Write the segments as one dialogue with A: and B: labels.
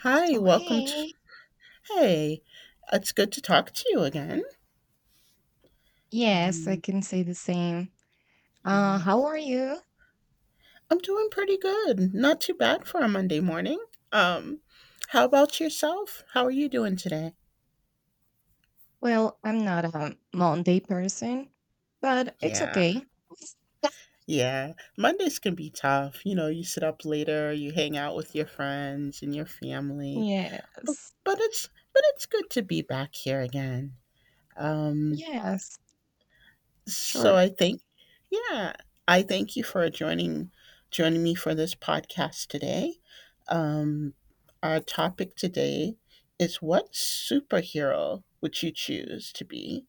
A: Hi,
B: So,
A: welcome to.
B: hey,
A: Hey, it's good to talk to you again.
B: yes, I
A: Um,
B: can say the same.
A: yeah,
B: How are you?
A: I'm doing pretty good. Not too bad for a Monday morning. Um, how about yourself? How are you doing today?
B: Well, I'm not a Monday person, but it's
A: Yeah,
B: okay.
A: yeah. Mondays can be tough. You know, you sit up later, you hang out with your friends and your family. But
B: Yes,
A: but it's but it's good to be back here again. Um,
B: yes,
A: So
B: sure.
A: I think, yeah, I thank you for joining me for this podcast today. Um, our topic today is what superhero would you choose to be,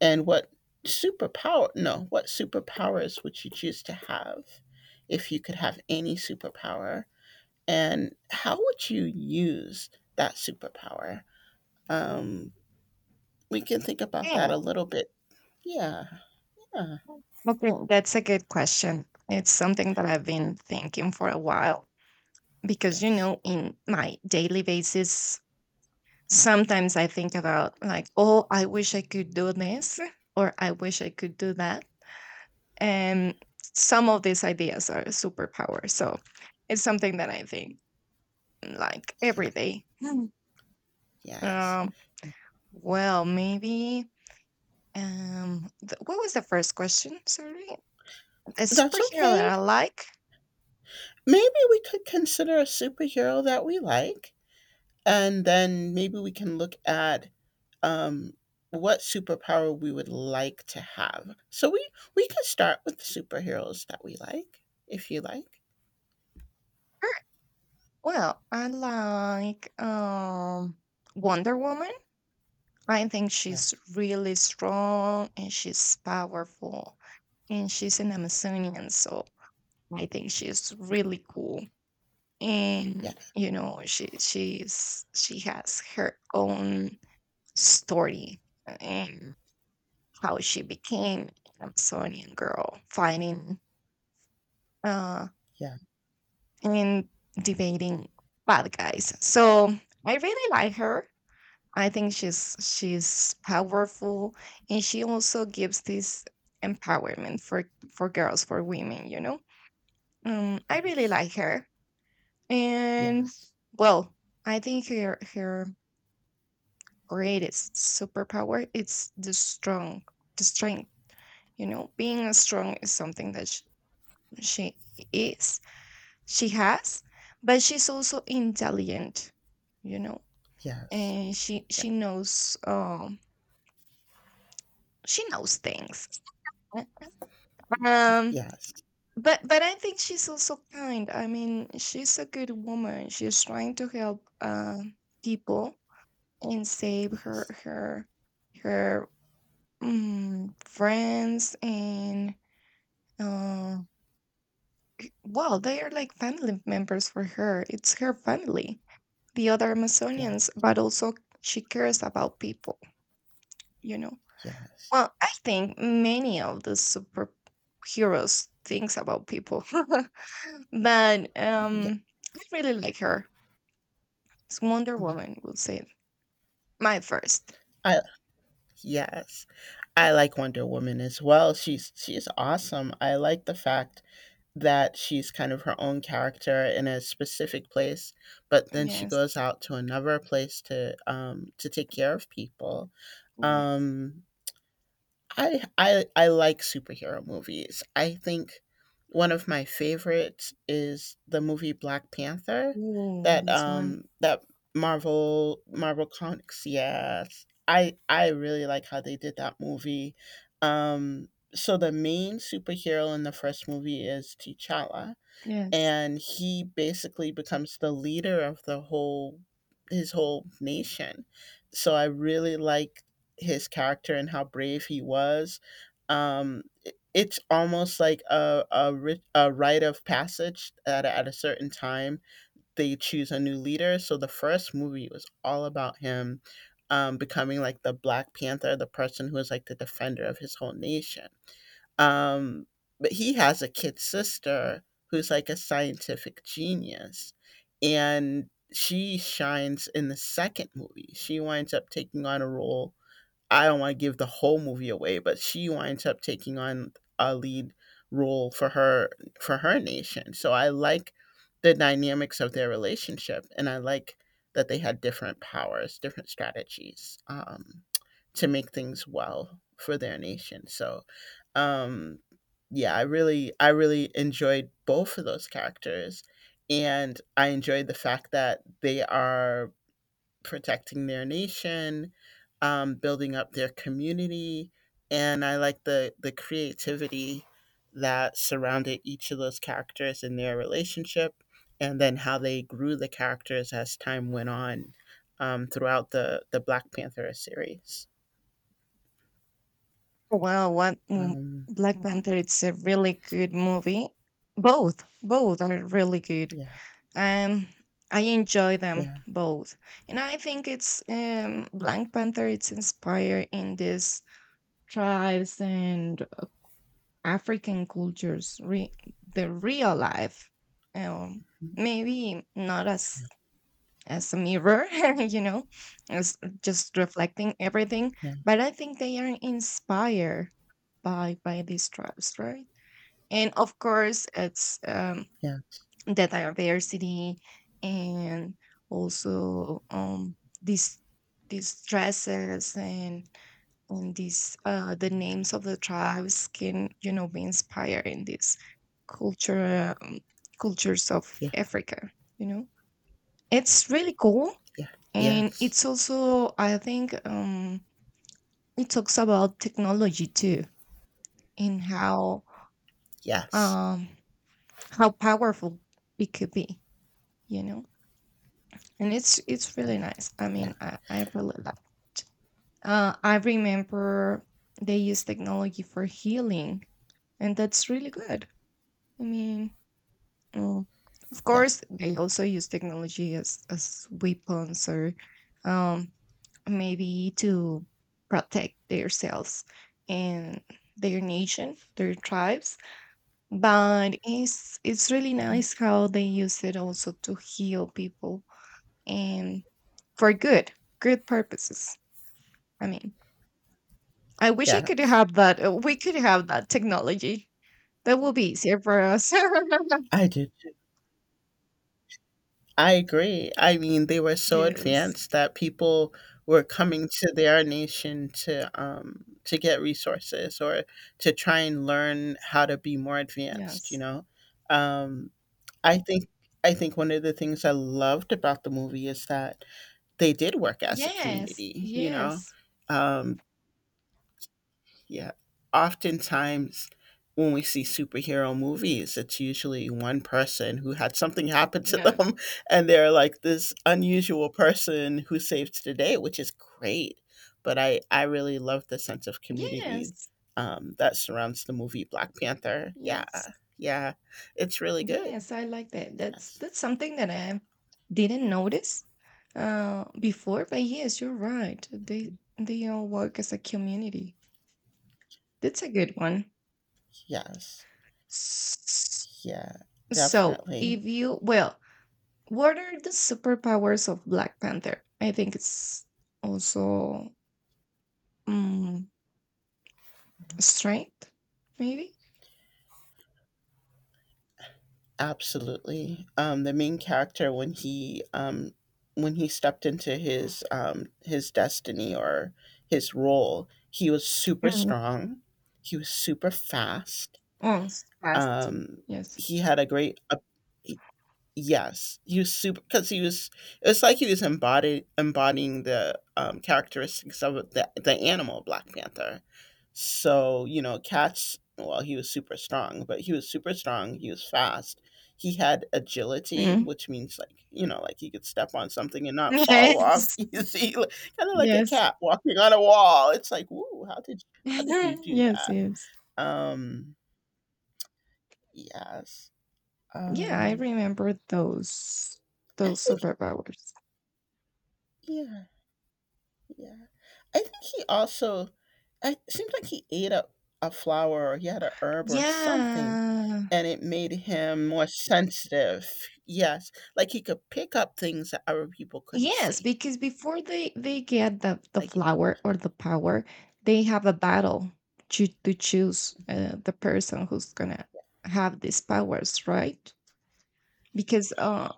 A: and what superpower? No, what superpowers would you choose to have if you could have any superpower, and how would you use that superpower? Um, we can think about that a little bit. Yeah. Yeah.
B: Okay, that's a good question. It's something that I've been thinking for a while because,
A: Yes.
B: in my daily basis, sometimes I think about like, oh, I wish I could do this or I wish I could do that. And some of these ideas are superpower. So it's something that I think like
A: Yeah.
B: every day. Hmm.
A: Yes.
B: Um, well, maybe. What was the first question? Sorry, a
A: That's
B: superhero that
A: okay.
B: I like.
A: Maybe we could consider a superhero that we like, and then maybe we can look at, um, what superpower we would like to have. So we could start with the superheroes that we like, if you like.
B: Well, I like Wonder Woman. I think
A: Yeah.
B: she's really strong and she's powerful, and she's an Amazonian, so I think she's really cool.
A: Yeah.
B: And you know, she has her own story and how she became an Amazonian girl, fighting uh,
A: Yeah.
B: and debating bad guys. So I really like her. I think she's powerful, and she also gives this empowerment for girls, for women. I really
A: Yes.
B: like her. And,
A: Yeah.
B: well, I think her greatest superpower is the strength. Being a strong is something that she, she is she has, but she's also intelligent. you know
A: Yes.
B: and she
A: Yeah.
B: she knows um she knows things. Um,
A: Yes.
B: but I think she's also kind. I mean, she's a good woman. She's trying to help people and save her
A: Yes.
B: her her mm, friends and uh, well, they are like family members for her. It's her family, the other
A: Yeah.
B: Amazonians, but also she cares about people. You know.
A: Yes.
B: Well, I think many of the superheroes thinks about people. But
A: Yeah.
B: I really like her. It's Wonder
A: Mm.
B: Woman, we'll say. My first.
A: I Yes. I like Wonder Woman as well. She's awesome. I like the fact that she's kind of her own character in a specific place, but then she
B: Yes.
A: goes out to another place to, to take care of people.
B: Yes.
A: Um, I like superhero movies. I think one of my favorites is the movie Black Panther,
B: Ooh,
A: that
B: this one.
A: that Marvel Comics. Yes, I really like how they did that movie. Um, so the main superhero in the first movie is T'Challa,
B: Yes.
A: and he basically becomes the leader of the whole his whole nation. So I really like his character and how brave he was. It's almost like a rite of passage at a certain time. They choose a new leader. So the first movie was all about him, becoming like the Black Panther, the person who is like the defender of his whole nation. um, but he has a kid sister who's like a scientific genius, and she shines in the second movie. She winds up taking on a role. I don't want to give the whole movie away, but she winds up taking on a lead role for her nation. So I like the dynamics of their relationship, and I like that they had different powers, different strategies, to make things well for their nation. So, um, yeah, I really enjoyed both of those characters, and I enjoyed the fact that they are protecting their nation, building up their community, and I like the creativity that surrounded each of those characters in their relationship, and then how they grew the characters as time went on, throughout the Black Panther series.
B: Well,
A: Um,
B: Black Panther? It's a really good movie. Both are really good.
A: yeah,
B: Um, I enjoy them
A: yeah,
B: both, and I think it's Black Panther. It's inspired in these tribes and African cultures, the real life, um, maybe not as a mirror, you know, as just reflecting everything,
A: yeah,
B: but I think they are inspired by these tribes, right? And of course, it's
A: yeah,
B: the diversity and also these dresses and the names of the tribes can be inspired in these culture um, cultures of
A: yeah.
B: Africa. you know it's really cool.
A: Yeah.
B: And
A: Yes.
B: it's also I think, it talks about technology too. And
A: Yes.
B: um how powerful it could be. you know and it's
A: Yeah.
B: really nice. I
A: Yeah.
B: mean, I really like it. I remember they use technology for healing, and that's really good. I mean, mm, of
A: Yeah.
B: course, they also use technology as weapons or um, maybe to protect themselves and their nation, their tribes. But it's really
A: Mhm.
B: nice how they use it also to heal people and for good, good purposes. I mean, I wish I could
A: Yes.
B: have that. We could have that technology. That will be easier for us.
A: I do too. I agree. I mean, they were so
B: Yes.
A: advanced that people were coming to their nation to, to get resources or to try and learn how to be more advanced, you
B: Yes.
A: know. Um I think I think one of the things I loved about the movie is that they did work as a
B: Yes,
A: community.
B: yes.
A: Um Yeah. Oftentimes, when we see superhero movies, it's usually one person who had something happen to
B: Yeah.
A: them, and they're like this unusual person who saves the day, which is great. But I really love the sense of community,
B: Yes,
A: that surrounds the movie Black Panther. Yeah,
B: yes,
A: yeah, it's really good.
B: yes, I like that. That's
A: Yes,
B: that's something that I didn't notice before, but yes, you're right. They all work as a community. That's a good one.
A: yes,
B: S-
A: yeah,
B: So,
A: definitely.
B: if you well, what are the superpowers of Black Panther? I think it's also mm, strength, maybe.
A: Absolutely. The main character when he, stepped into his, his destiny or his role, he was super
B: Mm.
A: strong. He was super fast.
B: Oh, it's fast.
A: Um,
B: Yes.
A: he had a great. Yes, he was super because he was. It was like he was embodied embodying the, characteristics of the animal Black Panther. So you know, cats. Well, he was super strong, but he was super strong. He was fast. He had agility,
B: Mm-hmm.
A: which means like, like he could step on something and not fall off
B: Yes.
A: easy, kind of like a
B: Yes.
A: cat walking on a wall. It's like, woo, how did you do
B: Yes,
A: that?
B: yes.
A: Um, yes.
B: Yeah, I
A: Um,
B: remember those
A: I
B: those
A: think
B: superpowers.
A: yeah. Yeah. I think he also I it seems like he ate a flower or he had a herb or something,
B: Yeah.
A: and it made him more sensitive. Yes. Like he could pick up things that other people couldn't
B: Yes,
A: see.
B: because before they get the
A: Like,
B: flower or the power, they have a battle to choose the person who's gonna have these powers, right? Because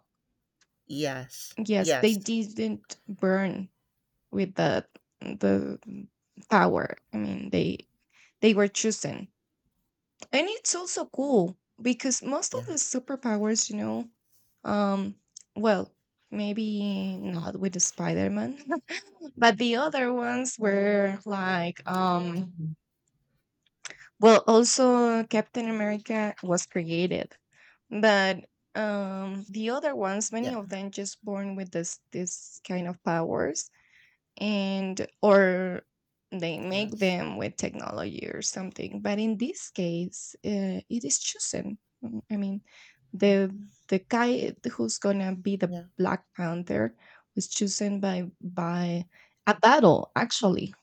A: yes.
B: yes, they
A: Yes.
B: didn't burn with the power. I mean, they were chosen, and it's also cool because most of
A: Yeah.
B: the superpowers um well, maybe not with the Spider-Man. But the other ones were like, well, also Captain America was created. But the other ones, many
A: Yeah.
B: of them just born with this kind of powers, and or they make
A: Yes.
B: them with technology or something. But in this case, it is chosen. Mm, I mean the the guy who's gonna be the
A: Yeah.
B: Black Panther was chosen by a battle, actually,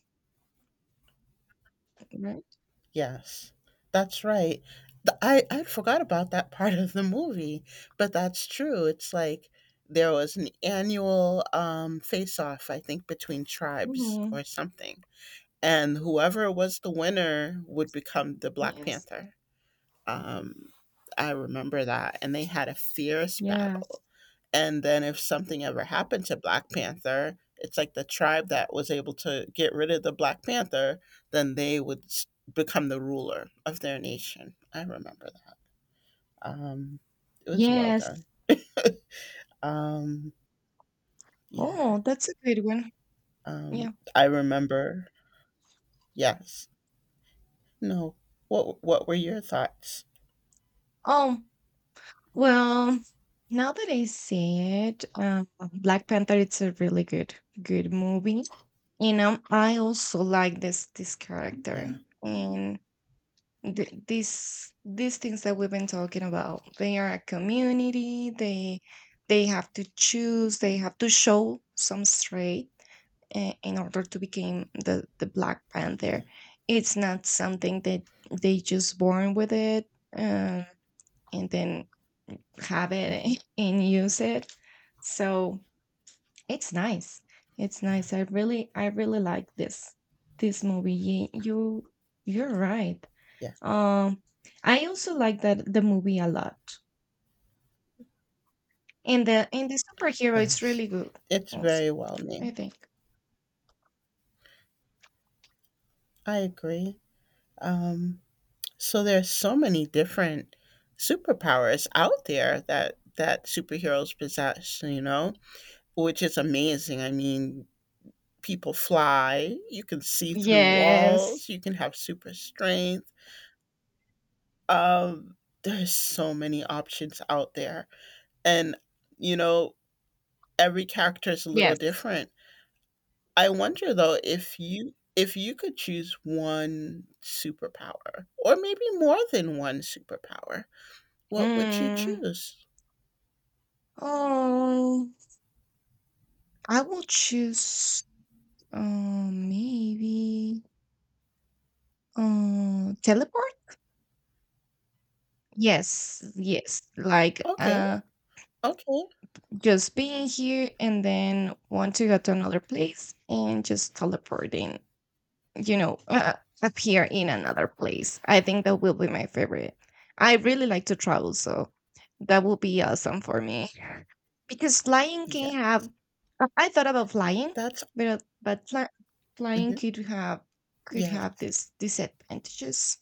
B: right?
A: Yes. That's right. I forgot about that part of the movie, but that's true. It's like there was an annual, face off, I think, between tribes
B: Mhm.
A: or something, and whoever was the winner would become the Black
B: Yes,
A: Panther. Um, I remember that, and they had a fierce
B: yes,
A: battle. And then if something ever happened to Black Panther, it's like the tribe that was able to get rid of the Black Panther, then they would become the ruler of their nation. I remember that. Um, it was well
B: yes.
A: done. Um, yeah.
B: Oh, that's a good one. Yeah.
A: I remember. Yes. No. What were your thoughts?
B: Oh, well, now that I see it, Black Panther, it's a really good movie. I also like this character.
A: Yeah.
B: And these things that we've been talking about, they are a community. They have to choose, they have to show some straight in order to become the Black
A: Yeah.
B: Panther. It's not something that they just born with it um, and then have it and use it. So it's nice. It's
A: Yeah.
B: nice. I really like this movie. You're right.
A: Yeah,
B: Um I also like that the movie a lot. And the superhero it's
A: yes.
B: really good
A: It's
B: also,
A: very well
B: I
A: named.
B: think.
A: I agree. Um, so there's so many different superpowers out there that superheroes possess, which is amazing. I mean, people fly, you can see through
B: Yes.
A: walls, you can have super strength. Um, there's so many options out there. And you know, every character is a little
B: Yes.
A: different. I wonder though if you could choose one superpower or maybe more than one superpower, what would you
B: Mm.
A: choose?
B: Oh, I will choose maybe teleport. Yes, yes. Like
A: Okay, okay.
B: just being here and then want to go to another place and just teleporting, you know, uh, appear in another place. I think that will be my favorite. I really like to travel, so that will be awesome for me because flying
A: Yeah,
B: can have. I thought about flying,
A: that's
B: but but fly, flying
A: mhm.
B: could have
A: Yes,
B: this disadvantages,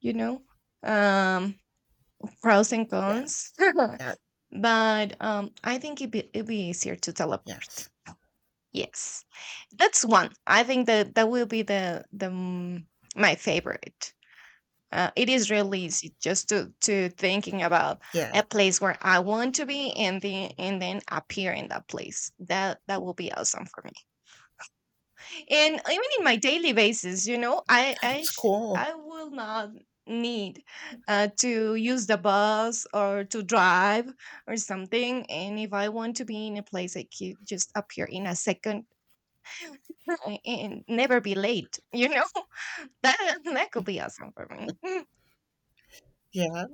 B: you know, um, pros and
A: yes,
B: cons.
A: yes,
B: But I think it'd be easier to teleport.
A: yes.
B: Yes, that's one. I think that will be the my favorite. It is really easy just to thinking about
A: Yeah,
B: a place where I want to be and then appear in that place. That will be awesome for me. And even in my daily basis, i i
A: that's
B: sh-
A: cool.
B: i will not need to use the bus or to drive or something. And if I want to be in a place, I could just appear in a second. And never be late. That could be awesome for me.
A: Yeah,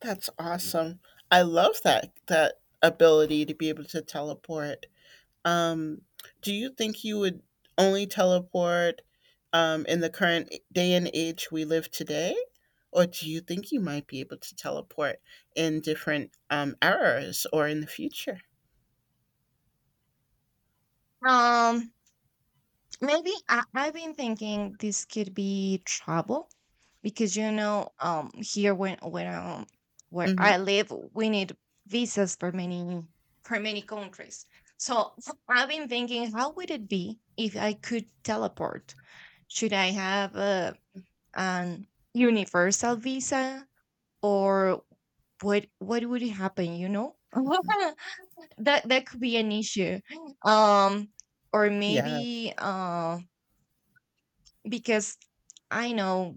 A: that's awesome. I love that ability to be able to teleport. Um, do you think you would only teleport, in the current day and age we live today? Or do you think you might be able to teleport in different, eras or in the future?
B: Mm. um Maybe I've been thinking this could be trouble because, here, when where
A: Hmm.
B: I live, we need visas for many countries. So I've been thinking, how would it be if I could teleport? Should I have an universal
A: Yeah.
B: visa or what? What would happen?
A: Mm-hmm.
B: That could be an issue. Um, or
A: Yeah.
B: maybe because I know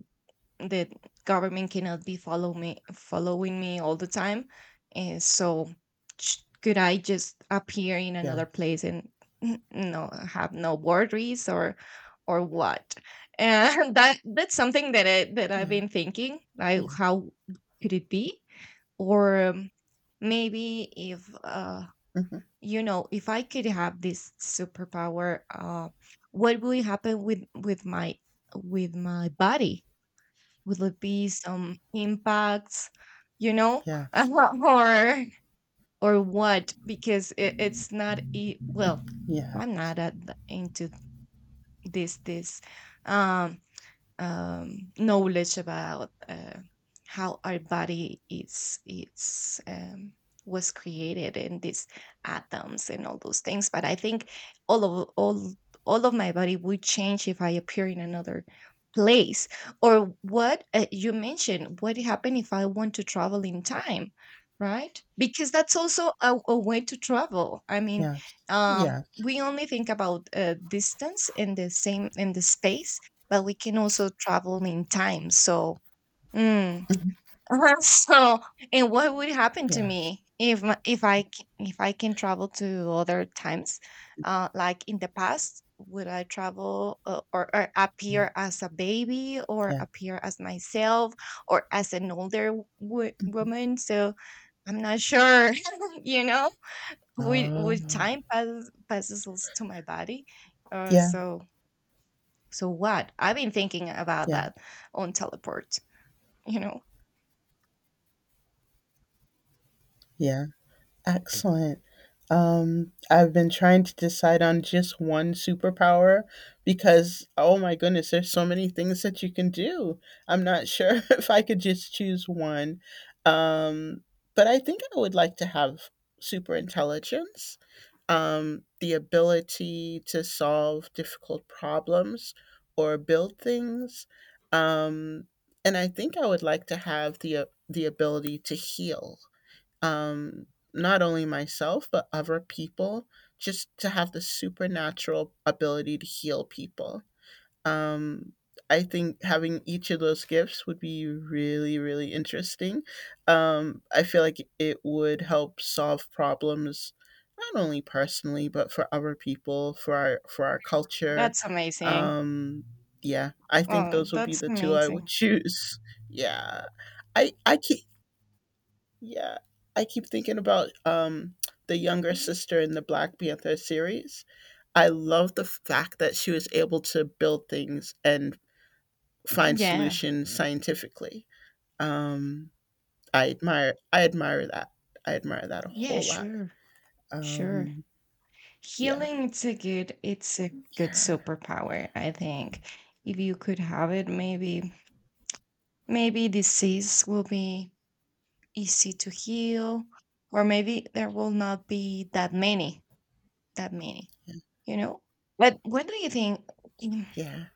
B: that government cannot be following me all the time, and so could I just appear in another
A: Yes.
B: place and have no boundaries or what? And that's something that I've
A: Yeah,
B: been thinking. Like,
A: yeah.
B: how could it be? Or maybe if
A: Hmm.
B: if I could have this superpower, what would happen with my body? Would it be some impacts, you know
A: Yes.
B: or or what? Because it's not well,
A: Yeah,
B: I'm not at into this um knowledge about how our body is was created and these atoms and all those things. But I think all of all all of my body would change if I appear in another place. Or what you mentioned, what happened if I want to travel in time, right? Because that's also a way to travel. I mean,
A: yes, yes,
B: we only think about distance in the same in the space, but we can also travel in time. So, mm.
A: mhm,
B: so and what would happen to
A: yes,
B: me if if I can travel to other times, like in the past? Would I travel or,
A: yeah,
B: appear as a baby or
A: yeah.
B: appear as myself or as an older woman? So I'm not sure, you know, would
A: Oh,
B: time passes also to my body? Uh,
A: yeah,
B: so so what? I've been thinking about
A: yeah,
B: that on teleport, you know.
A: yeah. Excellent. I've been trying to decide on just one superpower because, oh my goodness, there's so many things that you can do. I'm not sure if I could just choose one. Um, but I think I would like to have super intelligence, the ability to solve difficult problems or build things. Um, and I think I would like to have the ability to heal, um, not only myself, but other people, just to have the supernatural ability to heal people. Um, I think having each of those gifts would be really, really interesting. I feel like it would help solve problems, not only personally, but for other people, for our culture.
B: That's amazing.
A: Um, yeah, I think
B: Oh,
A: those would be
B: that's
A: the two I would
B: amazing.
A: choose. Yeah. I, can Yeah, I keep thinking about, the younger
B: Mhm.
A: sister in the Black Panther series. I love the fact that she was able to build things and find
B: Yeah.
A: solutions scientifically. Um, I admire that. I admire that a
B: Yeah,
A: whole lot.
B: sure. Sure.
A: Um, yeah,
B: Healing, it's a good
A: yeah,
B: superpower, I think. If you could have it, maybe disease will be easy to heal, or maybe there will not be that many,
A: yeah,
B: you know? But what do you think? Mm,
A: yeah,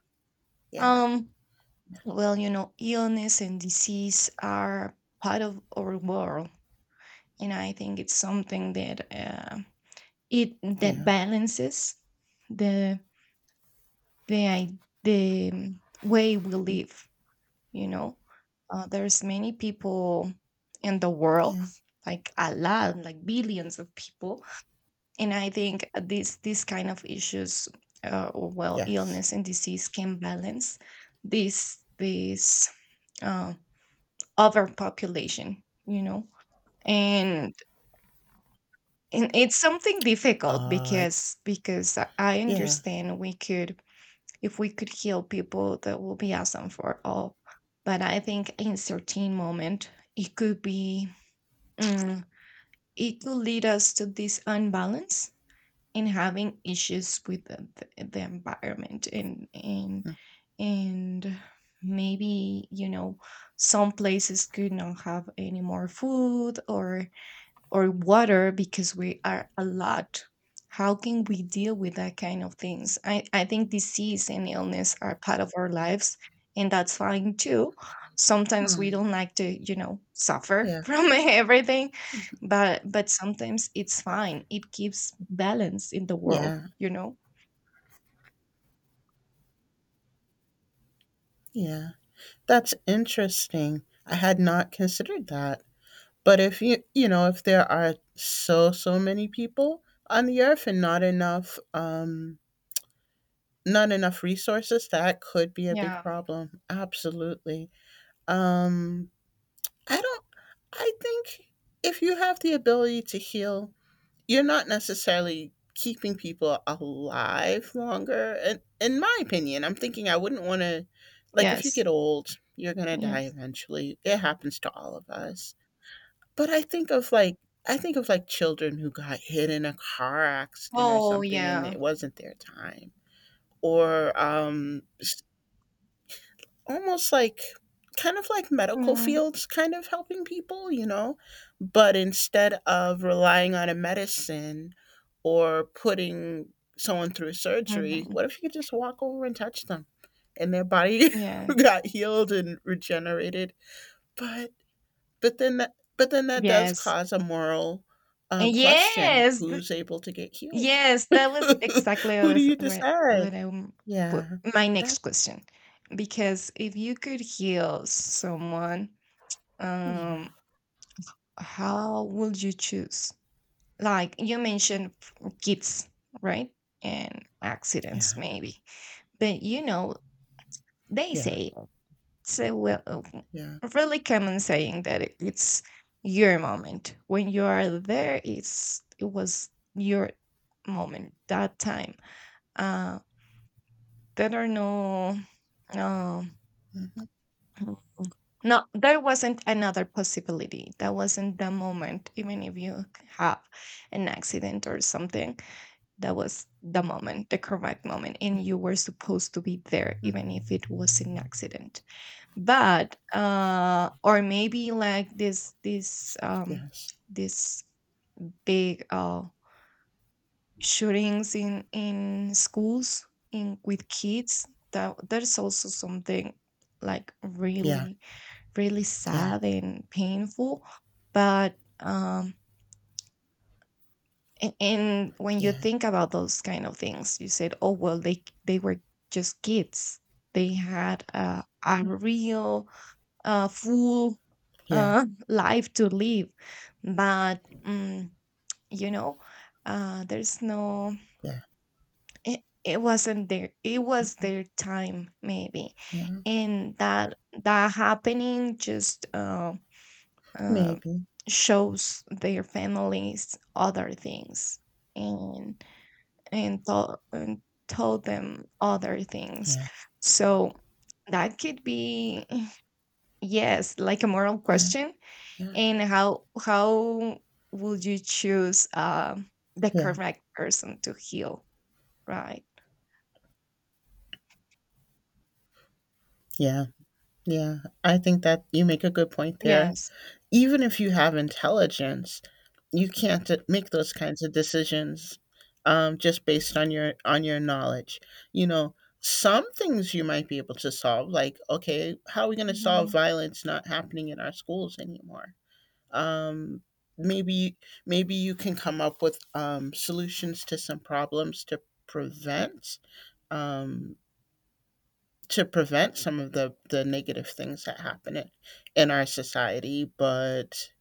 B: Um, Well, illness and disease are part of our world, and I think it's something that it that
A: yeah,
B: balances the the i- the way we live. You know, there's many people in the world,
A: yeah,
B: like a lot, like billions of people, and I think this kind of issues, or, well,
A: yes.
B: illness and disease can balance this. uh, Overpopulation, you know? And and it's something difficult
A: Uh, I s-
B: because I
A: yeah.
B: understand we could if we could heal people that will be awesome for all. But I think in certain moment it could be mm, it could lead us to this unbalance and having issues with the environment and maybe some places could not have any more food or water because we are a lot. How can we deal with that kind of things? I think disease and illness are part of our lives, and that's fine too. Sometimes we
A: Hmm,
B: don't like to, suffer
A: yeah,
B: from everything, but sometimes it's fine. It keeps balance in the world,
A: yeah,
B: you know?
A: yeah. That's interesting. I had not considered that. But if you, you know if there are so many people on the earth and not enough, not enough resources, that could be a big
B: Yeah.
A: problem. Absolutely. Um I don't I think if you have the ability to heal, you're not necessarily keeping people alive longer. And in my opinion, I'm thinking I wouldn't want to, like, if you
B: Yes.
A: get old, you're going to die
B: Yes.
A: eventually. It happens to all of us. But I think of like children who got hit in a car accident or
B: Oh
A: something and
B: yeah.
A: it wasn't their time. Or, almost like kind of like medical fields kind of helping people, but instead of relying on a medicine or putting someone through surgery,
B: Mm-hmm.
A: what if you could just walk over and touch them and their body
B: Yeah.
A: got healed and regenerated? But but then that does
B: Yes.
A: cause a moral, question,
B: Yes.
A: who's able to get healed?
B: Yes, that was exactly
A: Who do
B: was
A: you
B: what
A: decide? Yeah,
B: my next
A: that
B: question. Because if you could heal someone,
A: yeah.
B: um, how would you choose? Like you mentioned kids, right? And accidents
A: Yeah,
B: maybe. But you know, they
A: yeah,
B: say it's a, well,
A: yeah.
B: a really common saying that it's your moment. When you are there, it was your moment, that time. Uh, There are no, no,
A: Mhm.
B: mm, no, there wasn't another possibility. That wasn't the moment, even if you have an accident or something. That was the moment, the correct moment, and you were supposed to be there, even if it was an accident. But or maybe like this, this, um,
A: Yes.
B: this big shootings in schools in with kids that that's also something like
A: Yeah,
B: really really
A: yeah,
B: sad and painful, but and when you
A: yeah,
B: think about those kind of things, you said, "Oh, well, they were just kids. They had a real full
A: yeah,
B: life to live." But you know there's no,
A: yeah,
B: it, it wasn't their it was their time maybe,
A: yeah.
B: and that happening just uh,
A: Maybe.
B: shows their families other things, and and, to- and told them other things.
A: Yeah,
B: So that could be yes, like a moral
A: yeah,
B: question.
A: yeah,
B: And how would you choose the
A: yeah,
B: correct person to heal, right?
A: yeah, yeah. I think that you make a good point there.
B: Yes.
A: Even if you have intelligence, you can't make those kinds of decisions, just based on your knowledge. You know, some things you might be able to solve, like okay, how are we going to solve violence not happening in our schools anymore? Um, maybe maybe you can come up with solutions to some problems prevent um, to prevent some of the negative things that happen in our society, but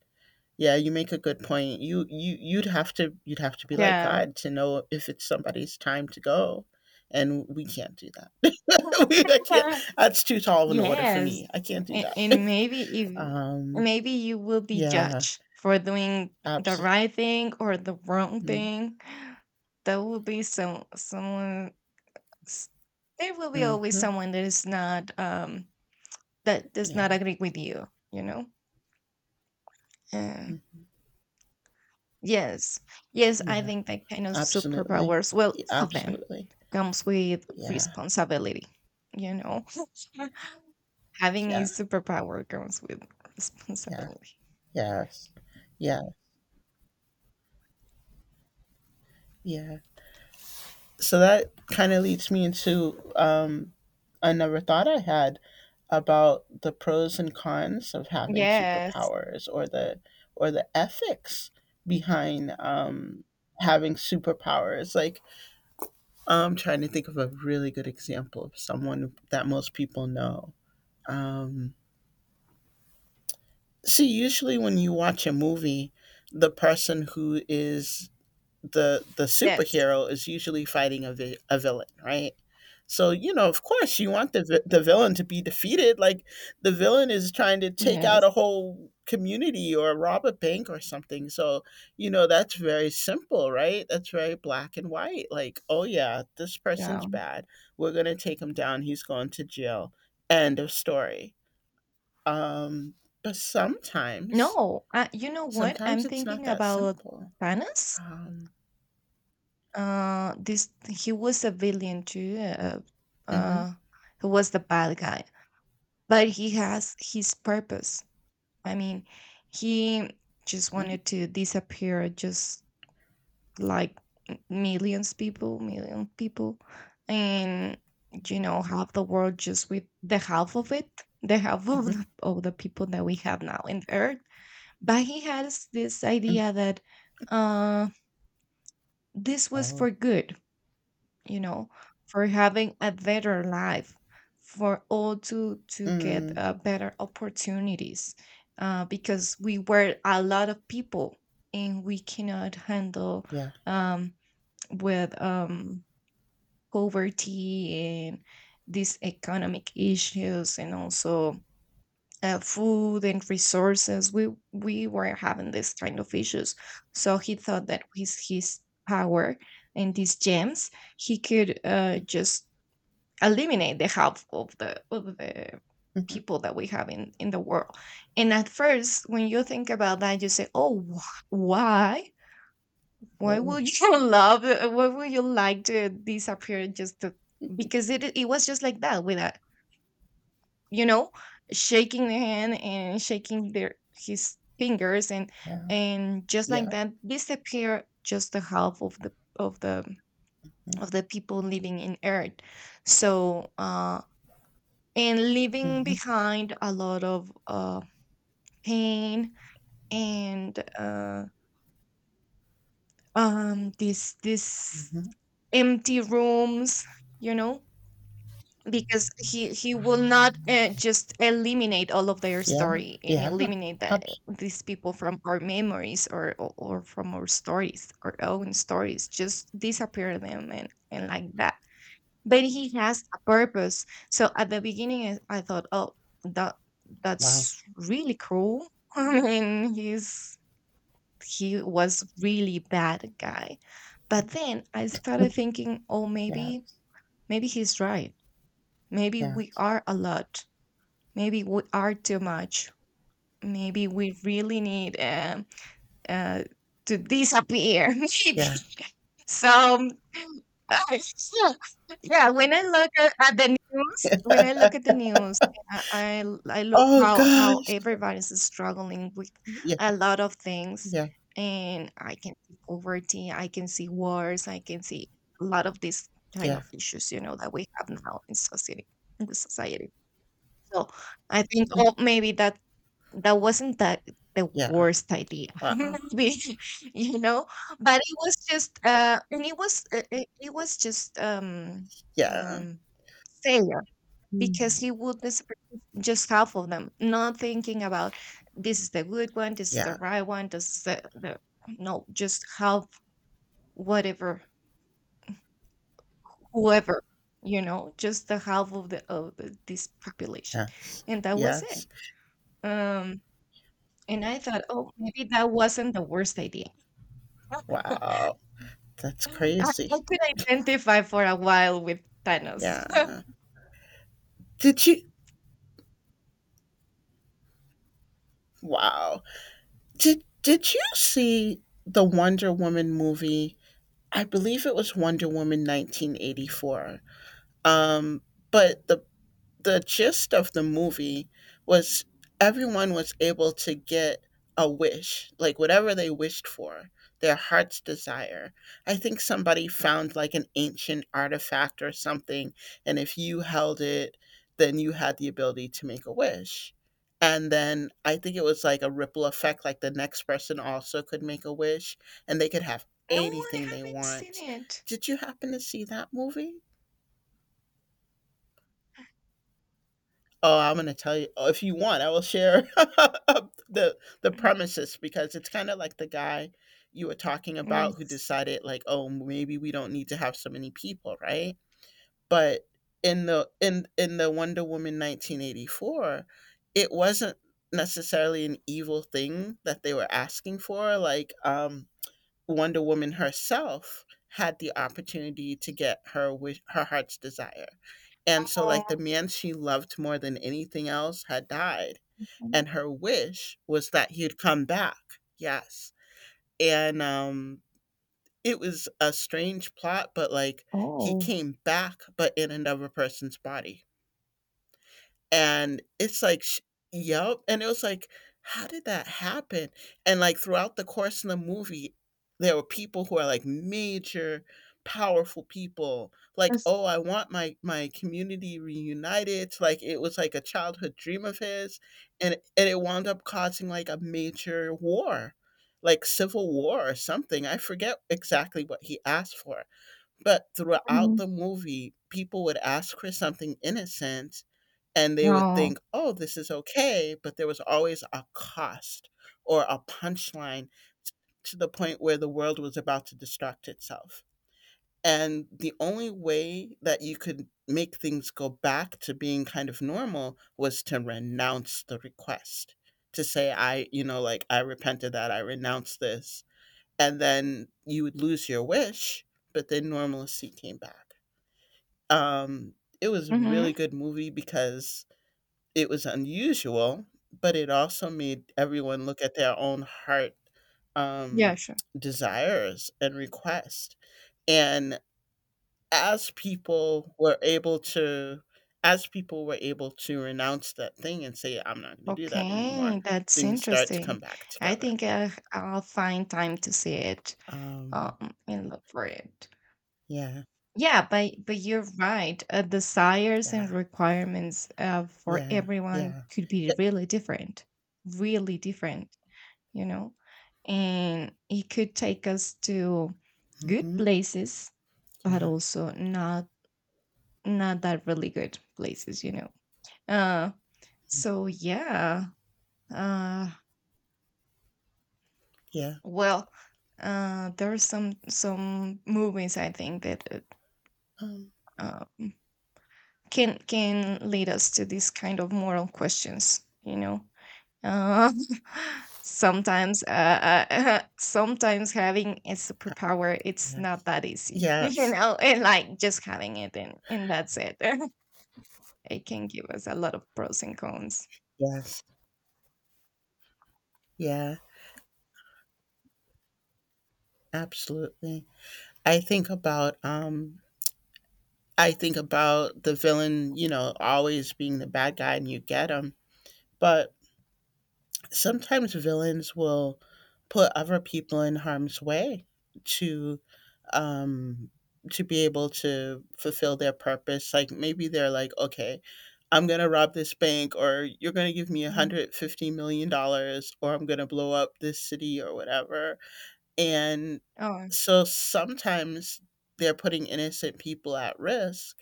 A: yeah, you make a good point. You'd have to be like
B: Yeah.
A: God to know if it's somebody's time to go, and we can't do that. I can't. That's too tall of an order for
B: Yes,
A: me. I can't do that.
B: and maybe if
A: Um.
B: maybe you will be
A: Yeah.
B: judged for doing the
A: Absolutely.
B: right thing or the wrong thing. There will be someone. s- There will be always
A: Mm-hmm.
B: someone that is not that does not
A: Yeah.
B: agree with you. You know. Uh,
A: Mhm.
B: yes, yes. I
A: Yeah.
B: think that kind of
A: Absolutely.
B: superpowers, well, all of them,
A: Absolutely.
B: comes with
A: Yeah.
B: responsibility. You know. Having a
A: Yeah.
B: superpower comes with
A: Yeah.
B: responsibility.
A: Yes. Yeah. Yeah. So that kind of leads me into another thought I had about the pros and cons of having
B: Yes,
A: superpowers or the ethics behind having superpowers. Like I'm trying to think of a really good example of someone that most people know. Um, see, usually when you watch a movie, the person who is the
B: yes.
A: superhero is usually fighting a villain, right? So of course, you want the the villain to be defeated. Like the villain is trying to take out
B: Yes.
A: a whole community or rob a bank or something. So that's very simple, right? That's very black and white. Like, oh yeah, this person's
B: Yeah.
A: bad. We're gonna take him down. He's going to jail. End of story. Um, but sometimes,
B: No, you know what? I'm
A: sometimes it's not
B: thinking
A: that
B: about
A: simple.
B: Thanos.
A: Um,
B: This He was a villain too. Uh,
A: hmm
B: uh, he was the bad guy, but he has his purpose. I mean, he just
A: hmm.
B: wanted to disappear just like million people, and half the world, just with the half of it, the half of the people that we have now in earth. But he has this
A: Mm.
B: idea that uh this was
A: Oh.
B: for good, you know, for having a better life for all, to get
A: Mm.
B: better opportunities, because we were a lot of people, and we cannot handle,
A: Yeah.
B: um, with poverty and these economic issues, and also food and resources. We were having this kind of issues, so he thought that with his power and these gems, he could just eliminate the half of the
A: Mhm.
B: people that we have in the world. And at first when you think about that, you say, "Oh, why
A: Oh.
B: would you love? Why would you like to disappear just to," because it was just like that, with a, you know shaking the hand and shaking their his fingers, and
A: Yeah.
B: just like
A: Yeah.
B: that, disappear just the half of of the
A: Mm.
B: the people living in Earth. So and leaving
A: Mhm.
B: behind a lot of pain, and this
A: Mhm.
B: empty rooms, you know, because he will not just eliminate all of their
A: Yeah.
B: story and
A: Yeah.
B: eliminate that,
A: Abs-
B: these people from our memories, or from our own stories, just disappear them, and like that. But he has a purpose, so at the beginning I thought, "Oh, that
A: wow.
B: that's really cruel." I mean, he was really bad guy. But then I started thinking, "Oh, maybe
A: Yes.
B: he's right. Maybe we
A: Yes.
B: are a lot. Maybe we are too much. Maybe we really need uh, to disappear. Maybe."
A: Yeah.
B: So, yeah, when I look at the news, I look
A: Oh
B: how
A: gosh.
B: everybody's struggling with
A: Yeah.
B: a lot of things,
A: Yeah.
B: and I can see poverty, I can see wars, I can see a lot of these kind
A: Yeah.
B: of issues, you know, that we have now in society. In the society. So I think, "Oh, maybe that wasn't that the
A: Yeah.
B: worst idea,"
A: Wow.
B: maybe you know. But it was just, and it was it was just
A: Yeah.
B: um failure, because
A: Mm.
B: he would disappear just half of them, not thinking about, "This is the good one, this is the
A: Yeah.
B: right one, this is the No, just half, whatever, whoever, you know, just the half of this population,
A: Yes.
B: and that was
A: Yes.
B: it. Um, And I thought, "Oh, maybe that wasn't the worst idea."
A: Wow. That's
B: I
A: crazy.
B: I could identify for a while with Thanos.
A: Yeah. Did you wow. Did you see the Wonder Woman movie? I believe it was Wonder Woman 1984. Um, but the gist of the movie was everyone was able to get a wish, like whatever they wished for, their heart's desire. I think somebody found like an ancient artifact or something, and if you held it, then you had the ability to make a wish. And then I think it was like a ripple effect, like the next person also could make a wish and they could have
B: No, I
A: anything they
B: haven't seen
A: want.
B: it.
A: Did you happen to see that movie? Oh, I'm gonna tell you. Oh, if you want, I will share the
B: Mm,
A: premises because it's kind of like the guy you were talking about who
B: yes.
A: decided like, oh, maybe we don't need to have so many people, right? But in the in the Wonder Woman 1984, it wasn't necessarily an evil thing that they were asking for. Like, Wonder Woman herself had the opportunity to get her wish, her heart's desire. And so like the
B: Oh,
A: man she loved more than anything else had died
B: mm,
A: and her wish was that he'd come back. Yes. And it was a strange plot but like he
B: oh,
A: came back but in another person's body and it's like sh yup, and it was like, "How did that happen?" And, like, throughout the course of the movie, there were people who are, like, major powerful people, like,
B: that's,
A: "Oh, I want my community reunited," like, it was like a childhood dream of his, and it wound up causing, like, a major war, like civil war or something, I forget exactly what he asked for, but throughout
B: mhm.
A: the movie, people would ask for something innocent, and they would
B: No.
A: think, "Oh, this is okay," but there was always a cost or a punchline t to the point where the world was about to destruct itself. And the only way that you could make things go back to being kind of normal was to renounce the request, to say, like, "I repent of that, I renounce this," and then you would lose your wish, but then normalcy came back. Um, it was a really
B: Mhm.
A: good movie because it was unusual, but it also made everyone look at their own heart,
B: Yeah,
A: um,
B: sure.
A: desires and requests, and as people were able to as people were able to renounce that thing and say, "I'm not gonna do that anymore,"
B: Okay, that's
A: things start to come
B: interesting.
A: back
B: I
A: together.
B: think I'll find time to see it,
A: Um,
B: and look for it.
A: yeah,
B: Yeah, but you're right. Desires and
A: yeah,
B: requirements, for
A: yeah,
B: everyone
A: yeah.
B: could be
A: It
B: really different, you know. And it could take us to good
A: mhm,
B: places, but
A: yeah,
B: also not, not that really good places, you know. Uh, so yeah. Uh,
A: yeah,
B: well, there are some movies I think that
A: um,
B: uh, um, can lead us to these kind of moral questions, you know. uh, Sometimes sometimes having a superpower, it's
A: yes.
B: not that easy
A: Yes,
B: and, like, just having it, and that's it. It can give us a lot of pros and cons.
A: yes, yeah, absolutely. I think about um I think about the villain, you know, always being the bad guy and you get him. But sometimes villains will put other people in harm's way to um to be able to fulfill their purpose. Like maybe they're like, okay, I'm gonna rob this bank or you're gonna give me
B: Mhm.
A: 150 million dollars or I'm gonna blow up this city or whatever. And
B: Oh,
A: so sometimes they're putting innocent people at risk.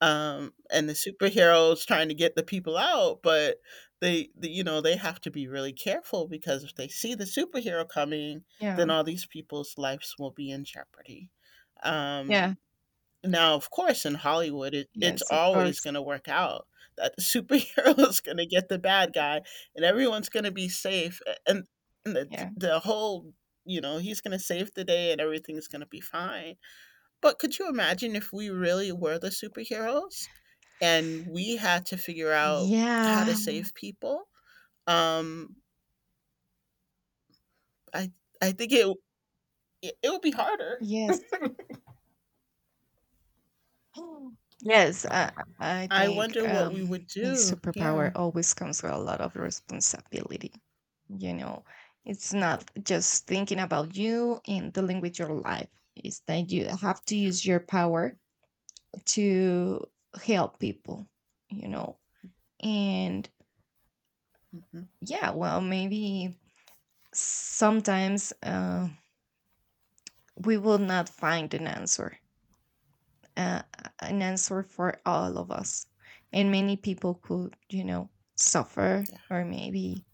A: And the superheroes trying to get the people out, but you know, they have to be really careful because if they see the superhero coming,
B: yeah.
A: then all these people's lives will be in jeopardy.
B: Yeah.
A: Um, now, of course, in Hollywood, it's
B: Yes, of
A: always
B: course.
A: gonna work out that the superhero is gonna get the bad guy, and everyone's gonna be safe, a and
B: Yeah.
A: the whole you know, he's gonna save the day, and everything's gonna be fine. But could you imagine if we really were the superheroes, and we had to figure out how to
B: Yeah.
A: save people? Um, I I think it would be harder.
B: Yes. Mm. Yes, I
A: I
B: think
A: wonder what we would
B: a
A: do.
B: superpower
A: Yeah.
B: always comes with a lot of responsibility. You know, it's not just thinking about you and dealing with your life. It's that you have to use your power to help people, you know. And
A: Mhm.
B: yeah, well, maybe sometimes we will not find an answer, uh, an answer for all of us. And many people could, suffer
A: Yeah.
B: or maybe,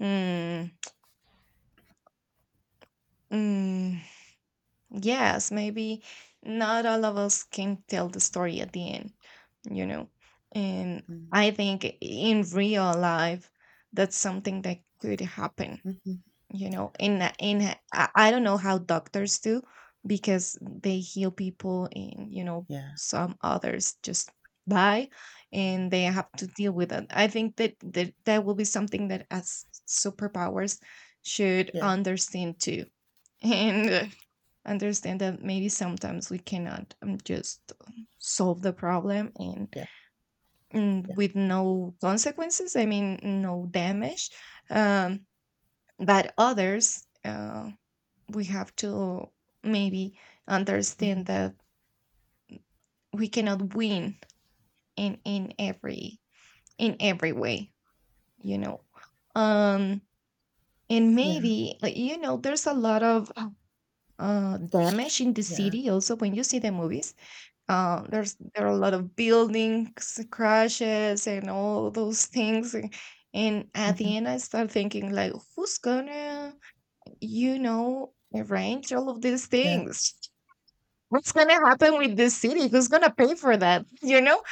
B: mm, mm, yes, maybe not all of us can tell the story at the end, you know. And
A: Mm.
B: I think in real life, that's something that could happen,
A: Mhm.
B: you
A: Yeah.
B: know, and I don't know how doctors do, because they heal people and, you know,
A: Yeah.
B: some others just die, and they have to deal with it. I think that will be something that as superpowers should
A: Yeah.
B: understand too. And understand that maybe sometimes we cannot just solve the problem, and,
A: Yeah, yeah.
B: and with no consequences, I mean, no damage. um, but others, we have to maybe
A: Mhm.
B: understand that we cannot win in in every in every way, you know. um and
A: Yeah.
B: maybe, like, you know, there's a lot of
A: Sh-
B: damage in the
A: yeah.
B: city also when you see the movies. There are a lot of buildings crashes and all those things, and at
A: Mhm.
B: the end I start thinking, like, "Who's gonna, arrange all of these
A: Yeah.
B: things? What's gonna happen with this city? Who's gonna pay for that?" You know,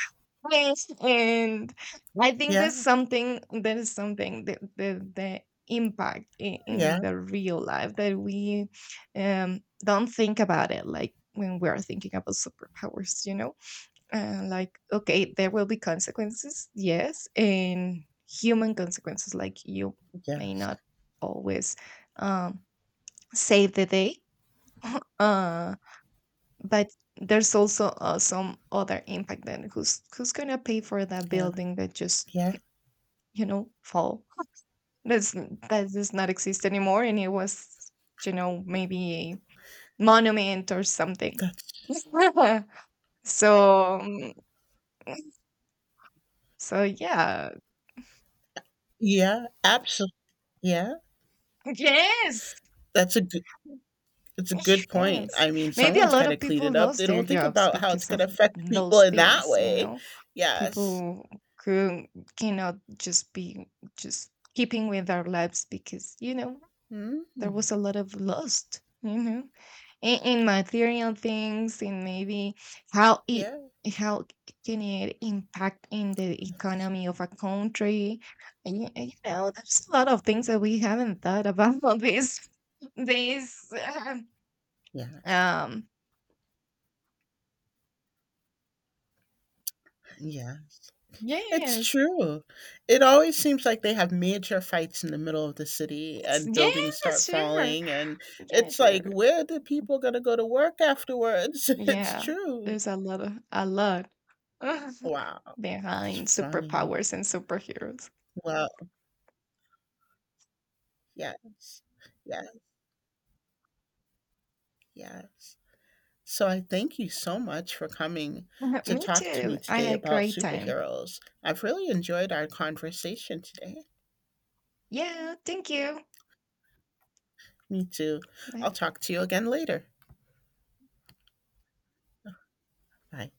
B: and I think there's
A: Yeah.
B: something. There's something, the impact in
A: Yeah.
B: the real life that we don't think about it, like when we are thinking about superpowers. You know, like, okay, there will be consequences, yes, and human consequences. Like, you may
A: Yes.
B: not always um save the day. Uh but there's also, some other impact. Then who's gonna pay for that
A: Yeah.
B: building that just,
A: Yeah.
B: fall, that does not exist anymore, and it was, you know, maybe a monument or something.
A: That's
B: so um, so yeah,
A: yeah, absolutely. Yeah.
B: yes.
A: That's a good it's a good point.
B: Yes.
A: I mean,
B: Maybe a
A: someone's
B: lot
A: gotta
B: of
A: clean
B: people
A: it up.
B: lost
A: They
B: their
A: don't think
B: jobs
A: about how it's
B: because
A: gonna
B: of
A: affect people
B: those
A: in that
B: things, you
A: way.
B: know?
A: Yes.
B: People could cannot just be just keeping with our lives because, you know, there
A: Mm.
B: was a lot of lost, you know, in material things, and maybe how it,
A: Yeah.
B: how can it impact in the economy of a country. And, you know, there's a lot of things that we haven't thought about this
A: Yes.
B: um
A: Yes. It's
B: Yes.
A: true. It always seems like they have major fights in the middle of the city and buildings start
B: Yes, sure.
A: falling and
B: Yeah,
A: it's like,
B: sure.
A: where are the people gonna go to work afterwards? It's
B: Yeah.
A: true.
B: There's a lot
A: Wow. It's
B: behind
A: funny.
B: superpowers and superheroes.
A: Well, yes. Yeah, yes. So I thank you so much for coming to
B: Me
A: talk to me
B: too. I
A: today
B: had a
A: about
B: great time.
A: superheroes. I've really enjoyed our conversation today.
B: Yeah, thank you.
A: Me too.
B: Bye.
A: I'll talk to you again later. Bye.